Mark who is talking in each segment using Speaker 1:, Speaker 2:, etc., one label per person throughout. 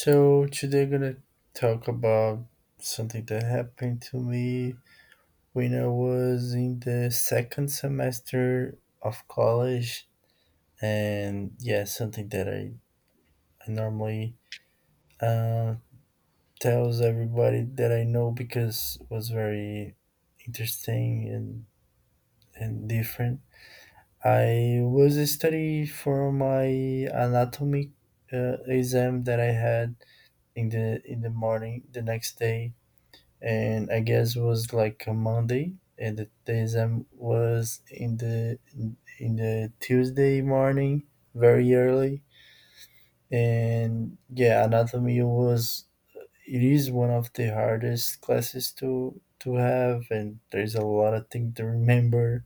Speaker 1: So today gonna talk about something that happened to me when I was in the second semester of college. And yeah, something that I normally uh, tells everybody that I know because it was very interesting and different. I was studying for my anatomy exam that I had in the morning the next day, and I guess it was like a Monday, and the exam was in the Tuesday morning, very early. And yeah, anatomy was, it is one of the hardest classes to have, and there's a lot of things to remember.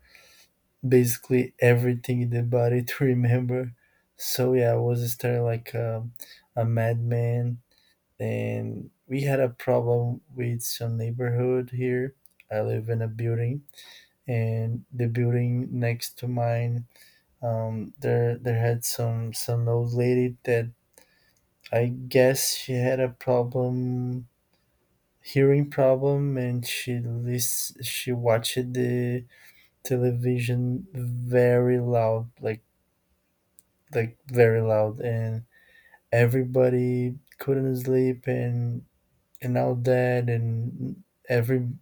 Speaker 1: Basically, everything in the body to remember. So yeah, I was starting like a madman, and we had a problem with some neighborhood here. I live in a building, and the building next to mine, there had some old lady that, I guess, she had a problem, hearing problem, and she watched the television very loud, like very loud, and everybody couldn't sleep, and all that, and every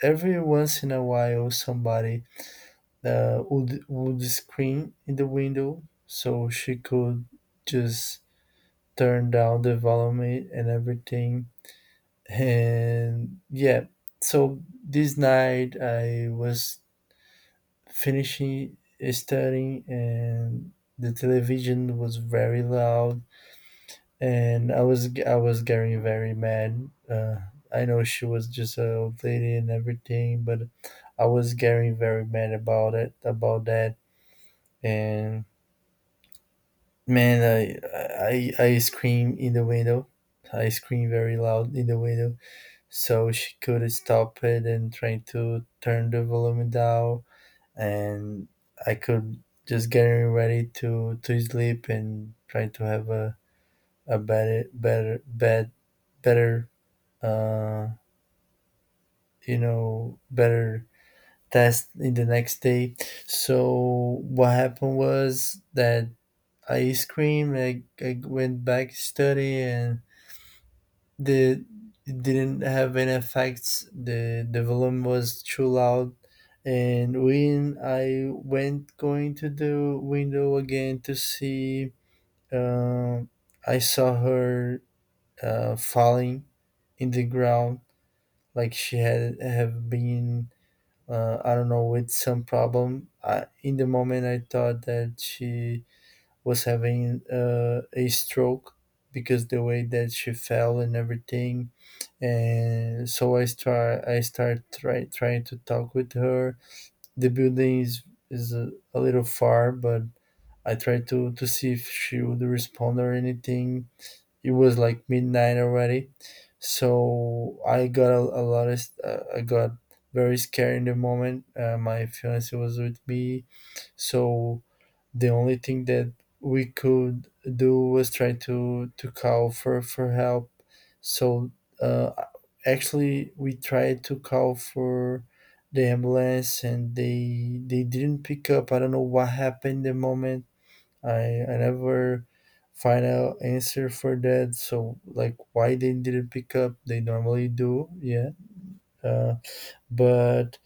Speaker 1: Every once in a while, somebody would scream in the window, so she could just turn down the volume and everything. And yeah, so this night I was finishing studying, and the television was very loud, and I was getting very mad. I know she was just an old lady and everything, but I was getting very mad about that. And man, I screamed in the window. I screamed very loud in the window, so she could stop it and trying to turn the volume down, and I could just getting ready to sleep and trying to have a better better bed better uh, you know, better test in the next day. So what happened was that I screamed. I went back to study, and the it didn't have any effects. The volume was too loud, and when I went going to the window again to see, uh, I saw her falling in the ground like she had have been, I don't know, with some problem. I, in the moment, I thought that she was having a stroke because the way that she fell and everything. And so trying to talk with her. The building is a little far, but I tried to see if she would respond or anything. It was like midnight already, so I got a lot of I got very scared in the moment. My fiance was with me, so the only thing that we could do was try to call for help. So, uh, actually, we tried to call for the ambulance, and they didn't pick up. I don't know what happened the moment. I never final answer for that. So, like, why they didn't pick up? They normally do, yeah. Uh, but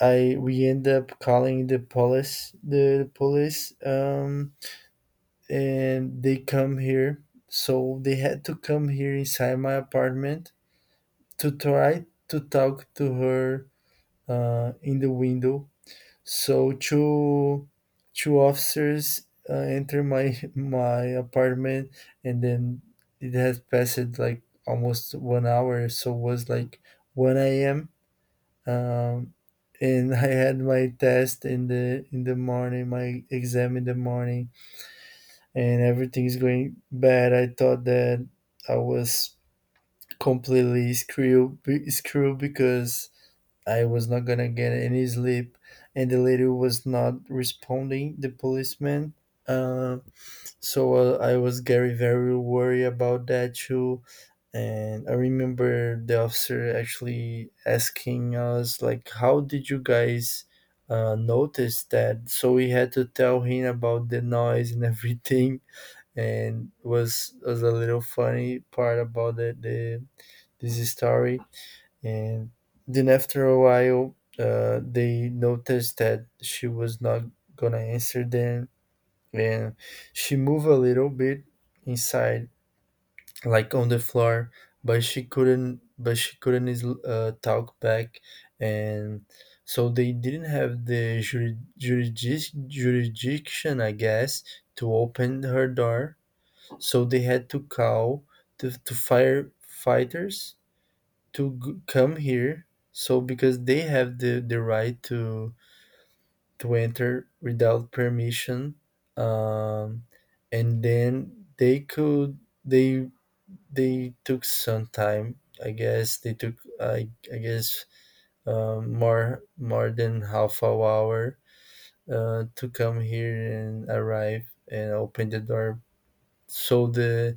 Speaker 1: I we end up calling the police, and they come here. So they had to come here inside my apartment to try to talk to her in the window. So two officers enter my my apartment, and then it has passed like almost 1 hour. So it was like 1 a.m. Um, and I had my test in the morning, my exam in the morning, and everything's going bad. I thought that I was completely screwed because I was not gonna get any sleep, and the lady was not responding. The policeman. Uh, so I was very, very worried about that too, and I remember the officer actually asking us, like, "How did you guys?" Notice that. So we had to tell him about the noise and everything, and was a little funny part about the this story. And then after a while, they noticed that she was not gonna answer them, and she moved a little bit inside, like on the floor, but she couldn't. But she couldn't talk back. And so they didn't have the jurisdiction, I guess, to open her door. So they had to call the firefighters to come here, so because they have the right to enter without permission. um, and then they could they they took some time. I guess they took, I guess, more than half an hour to come here and arrive and open the door. So the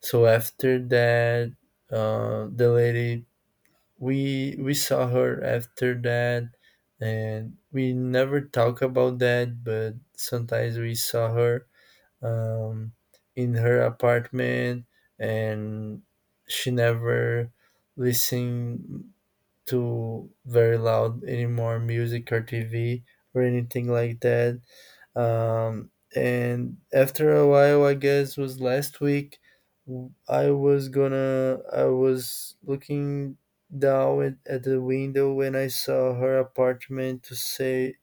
Speaker 1: so after that, the lady, we saw her after that, and we never talk about that, but sometimes we saw her, um, in her apartment. And she never listened to very loud anymore music or tv or anything like that. And after a while, I guess was last week, I was looking down at the window when I saw her apartment to say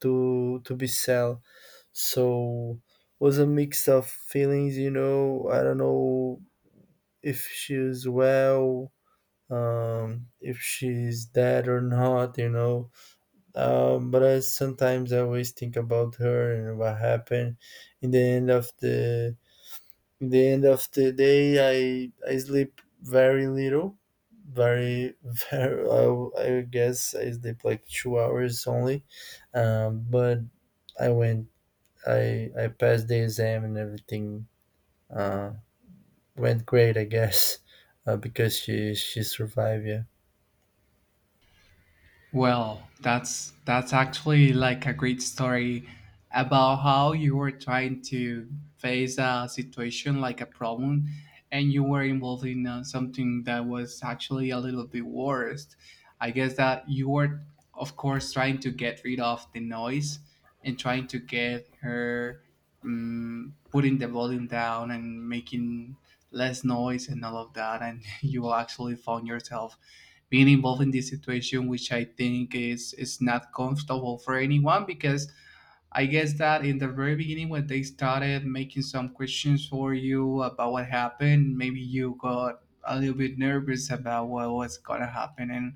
Speaker 1: to be sell. So, was a mix of feelings. I don't know if she's well, if she's dead or not. But I always think about her and what happened. In the end of the in the end of the day, I sleep very little, very very. I guess I sleep like 2 hours only. But I went. I passed the exam and everything. Uh, Went great, I guess. Because she survived. Yeah.
Speaker 2: Well, that's actually like a great story about how you were trying to face a situation like a problem and you were involved in something that was actually a little bit worse. I guess that you were of course trying to get rid of the noise and trying to get her putting the volume down and making less noise and all of that and you actually found yourself being involved in this situation, which I think is not comfortable for anyone because I guess that in the very beginning, when they started making some questions for you about what happened, maybe you got a little bit nervous about what was gonna happen and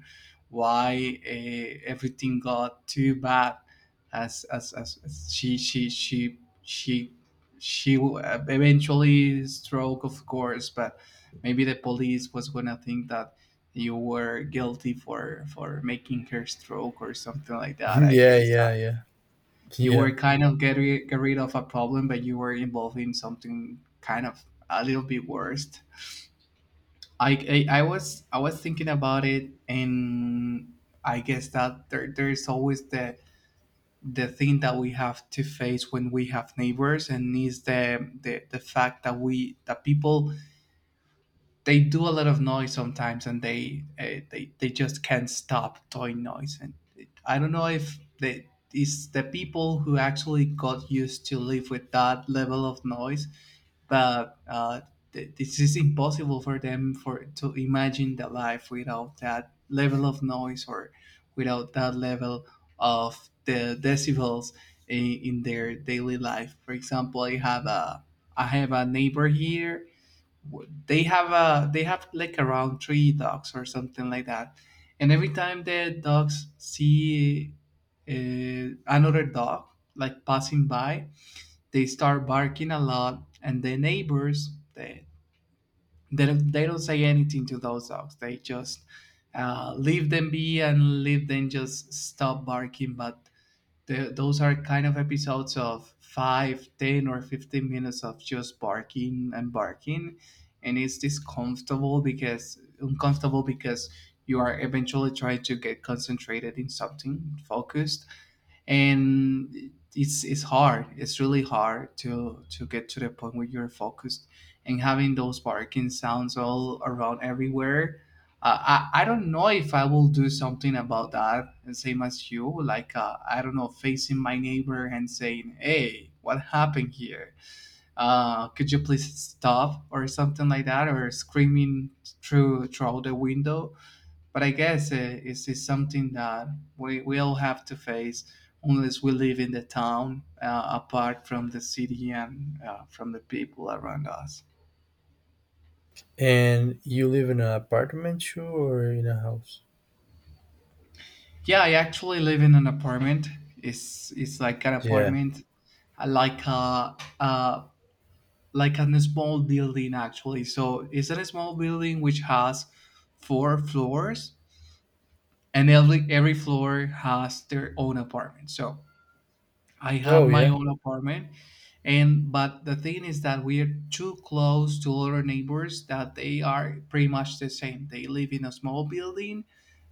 Speaker 2: why everything got too bad, as she eventually stroke, of course, but maybe the police was gonna think that you were guilty for making her stroke or something like that. I
Speaker 1: Yeah.
Speaker 2: guess
Speaker 1: Yeah. Yeah.
Speaker 2: you
Speaker 1: Yeah.
Speaker 2: were kind of get rid of a problem, but you were involved in something kind of a little bit worse. I was thinking about it, and I guess that there's always the thing that we have to face when we have neighbors, and is the fact that people they do a lot of noise sometimes, and they just can't stop doing noise. And I don't know if they it's the people who actually got used to live with that level of noise, but this is impossible for them for to imagine the life without that level of noise or without that level of the decibels in their daily life. For example, I have a neighbor here they have like around three dogs or something like that, and every time the dogs see another dog like passing by, they start barking a lot, and the neighbors, they don't say anything to those dogs. They just leave them be and leave them just stop barking, but those are kind of episodes of 5, 10, or 15 minutes of just barking and barking. And it's this comfortable because uncomfortable because you are eventually trying to get concentrated in something focused, and it's really hard to get to the point where you're focused and having those barking sounds all around everywhere. uh, I don't know if I will do something about that, and same as you, like, I don't know, facing my neighbor and saying, hey, what happened here? Could you please stop or something like that, or screaming through the window? But I guess it's something that we all have to face, unless we live in the town, apart from the city and from the people around us.
Speaker 1: And you live in an apartment too, or in a house?
Speaker 2: Yeah, I actually live in an apartment. It's like an
Speaker 1: Yeah.
Speaker 2: apartment, uh, like a uh, like a small building actually. So it's a small building which has four floors, and every floor has their own apartment. So I have
Speaker 1: Oh,
Speaker 2: my
Speaker 1: yeah.
Speaker 2: own apartment, and but the thing is that we are too close to other neighbors that they are pretty much the same. They live in a small building,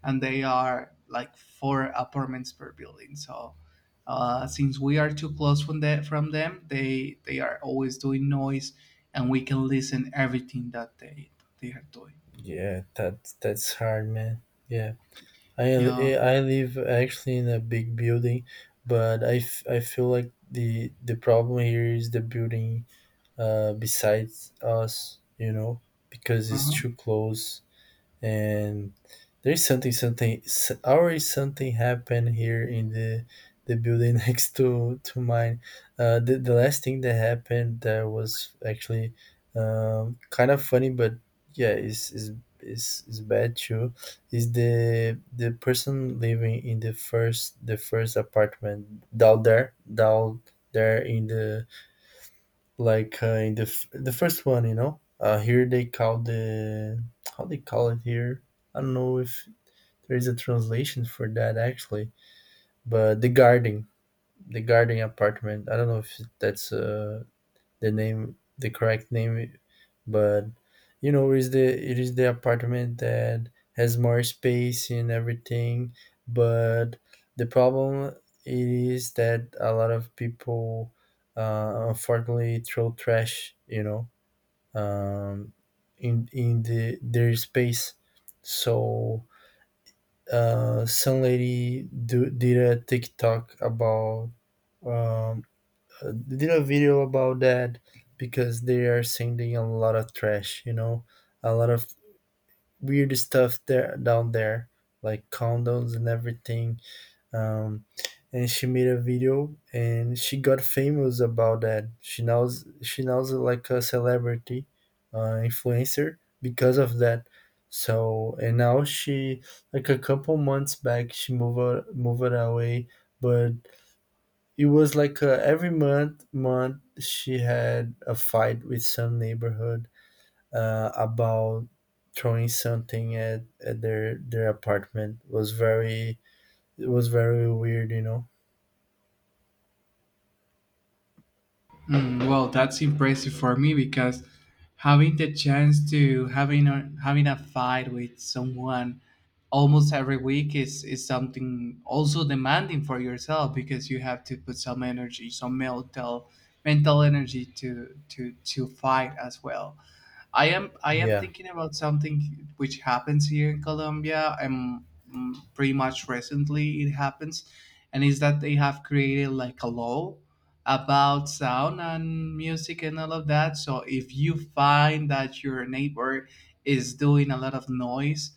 Speaker 2: and they are like four apartments per building. So, since we are too close from them, they are always doing noise, and we can listen everything that they are doing.
Speaker 1: Yeah. That's hard, man. Yeah. I
Speaker 2: Yeah.
Speaker 1: I live actually in a big building, but I feel like the problem here is the building besides us, you know, because it's
Speaker 2: Uh-huh.
Speaker 1: too close, and there's already something happened here in the building next to mine. The last thing that happened that was actually, kind of funny, but yeah, is bad too. Is the person living in the first apartment down there, in the, like, in the the first one, here they call the how they call it here, I don't know if there is a translation for that, actually. But the guarding apartment. I don't know if that's, the name the correct name, but, you know, is the it is the apartment that has more space and everything. But the problem is that a lot of people, unfortunately, throw trash, you know, um, in their space. So, some lady, did a TikTok about, um, did a video about that because they are sending a lot of trash. You know, a lot of weird stuff there down there, like condoms and everything. um, and she made a video and she got famous about that. She now's like a celebrity, influencer because of that. So, and now she, like a couple months back, she moved away, but it was like, every month she had a fight with some neighborhood, about throwing something at their apartment. Was very, it was very weird, you know.
Speaker 2: Well, that's impressive for me because having the chance to having a fight with someone almost every week is something also demanding for yourself, because you have to put some energy, some mental energy to fight as well. I am
Speaker 1: Yeah.
Speaker 2: thinking about something which happens here in Colombia. Pretty much recently it happens, and is that they have created like a law about sound and music and all of that. So if you find that your neighbor is doing a lot of noise,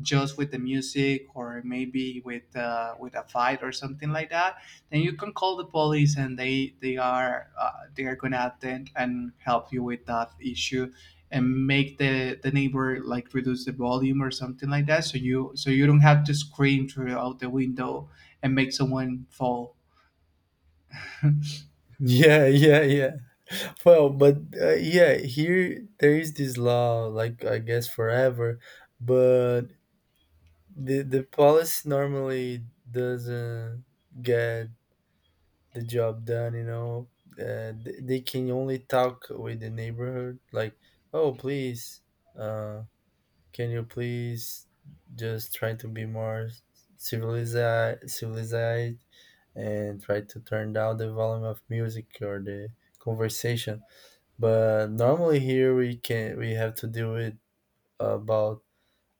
Speaker 2: just with the music or maybe with a fight or something like that, then you can call the police, and they are gonna attend and help you with that issue and make the neighbor like reduce the volume or something like that, so you don't have to scream through out the window and make someone fall.
Speaker 1: Yeah, yeah, yeah. Well, but yeah, here there is this law, like, I guess, forever, but the policy normally doesn't get the job done. You know, they can only talk with the neighborhood, like, oh, please, uh, can you please just try to be more civilized and try to turn down the volume of music or the conversation? But normally here we have to deal with, about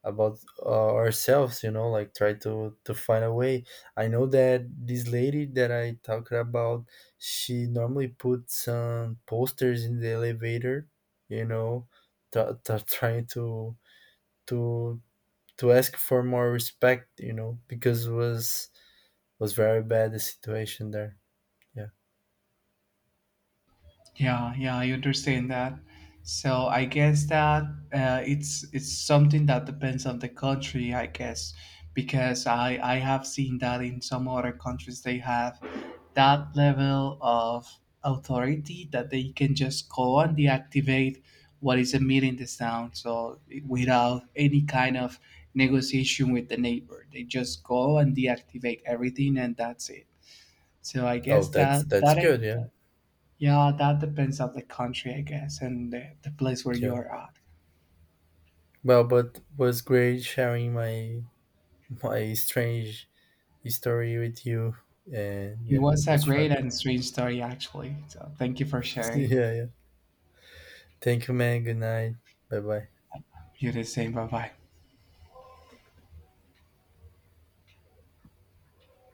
Speaker 1: about ourselves, you know, like try to find a way. I know that this lady that I talked about, she normally put some posters in the elevator, you know, t- trying to to ask for more respect, you know, because it was very bad the situation there. Yeah.
Speaker 2: Yeah, yeah, I understand that. So I guess that it's something that depends on the country, I guess, because I have seen that in some other countries they have that level of authority that they can just go and deactivate what is emitting the sound. So without any kind of negotiation with the neighbor, they just go and deactivate everything, and that's it. So I
Speaker 1: Oh,
Speaker 2: guess
Speaker 1: that's
Speaker 2: that
Speaker 1: that's
Speaker 2: that
Speaker 1: good.
Speaker 2: it,
Speaker 1: Yeah.
Speaker 2: yeah, that depends on the country, I guess, and the place where you
Speaker 1: Yeah.
Speaker 2: are at.
Speaker 1: Well, but was great sharing my strange story with you, and
Speaker 2: It
Speaker 1: yeah,
Speaker 2: was
Speaker 1: it
Speaker 2: a
Speaker 1: was fun.
Speaker 2: great and strange story, actually. So thank you for sharing.
Speaker 1: Yeah, yeah. Thank you, man. Good night. Bye, bye.
Speaker 2: You the same. Bye bye.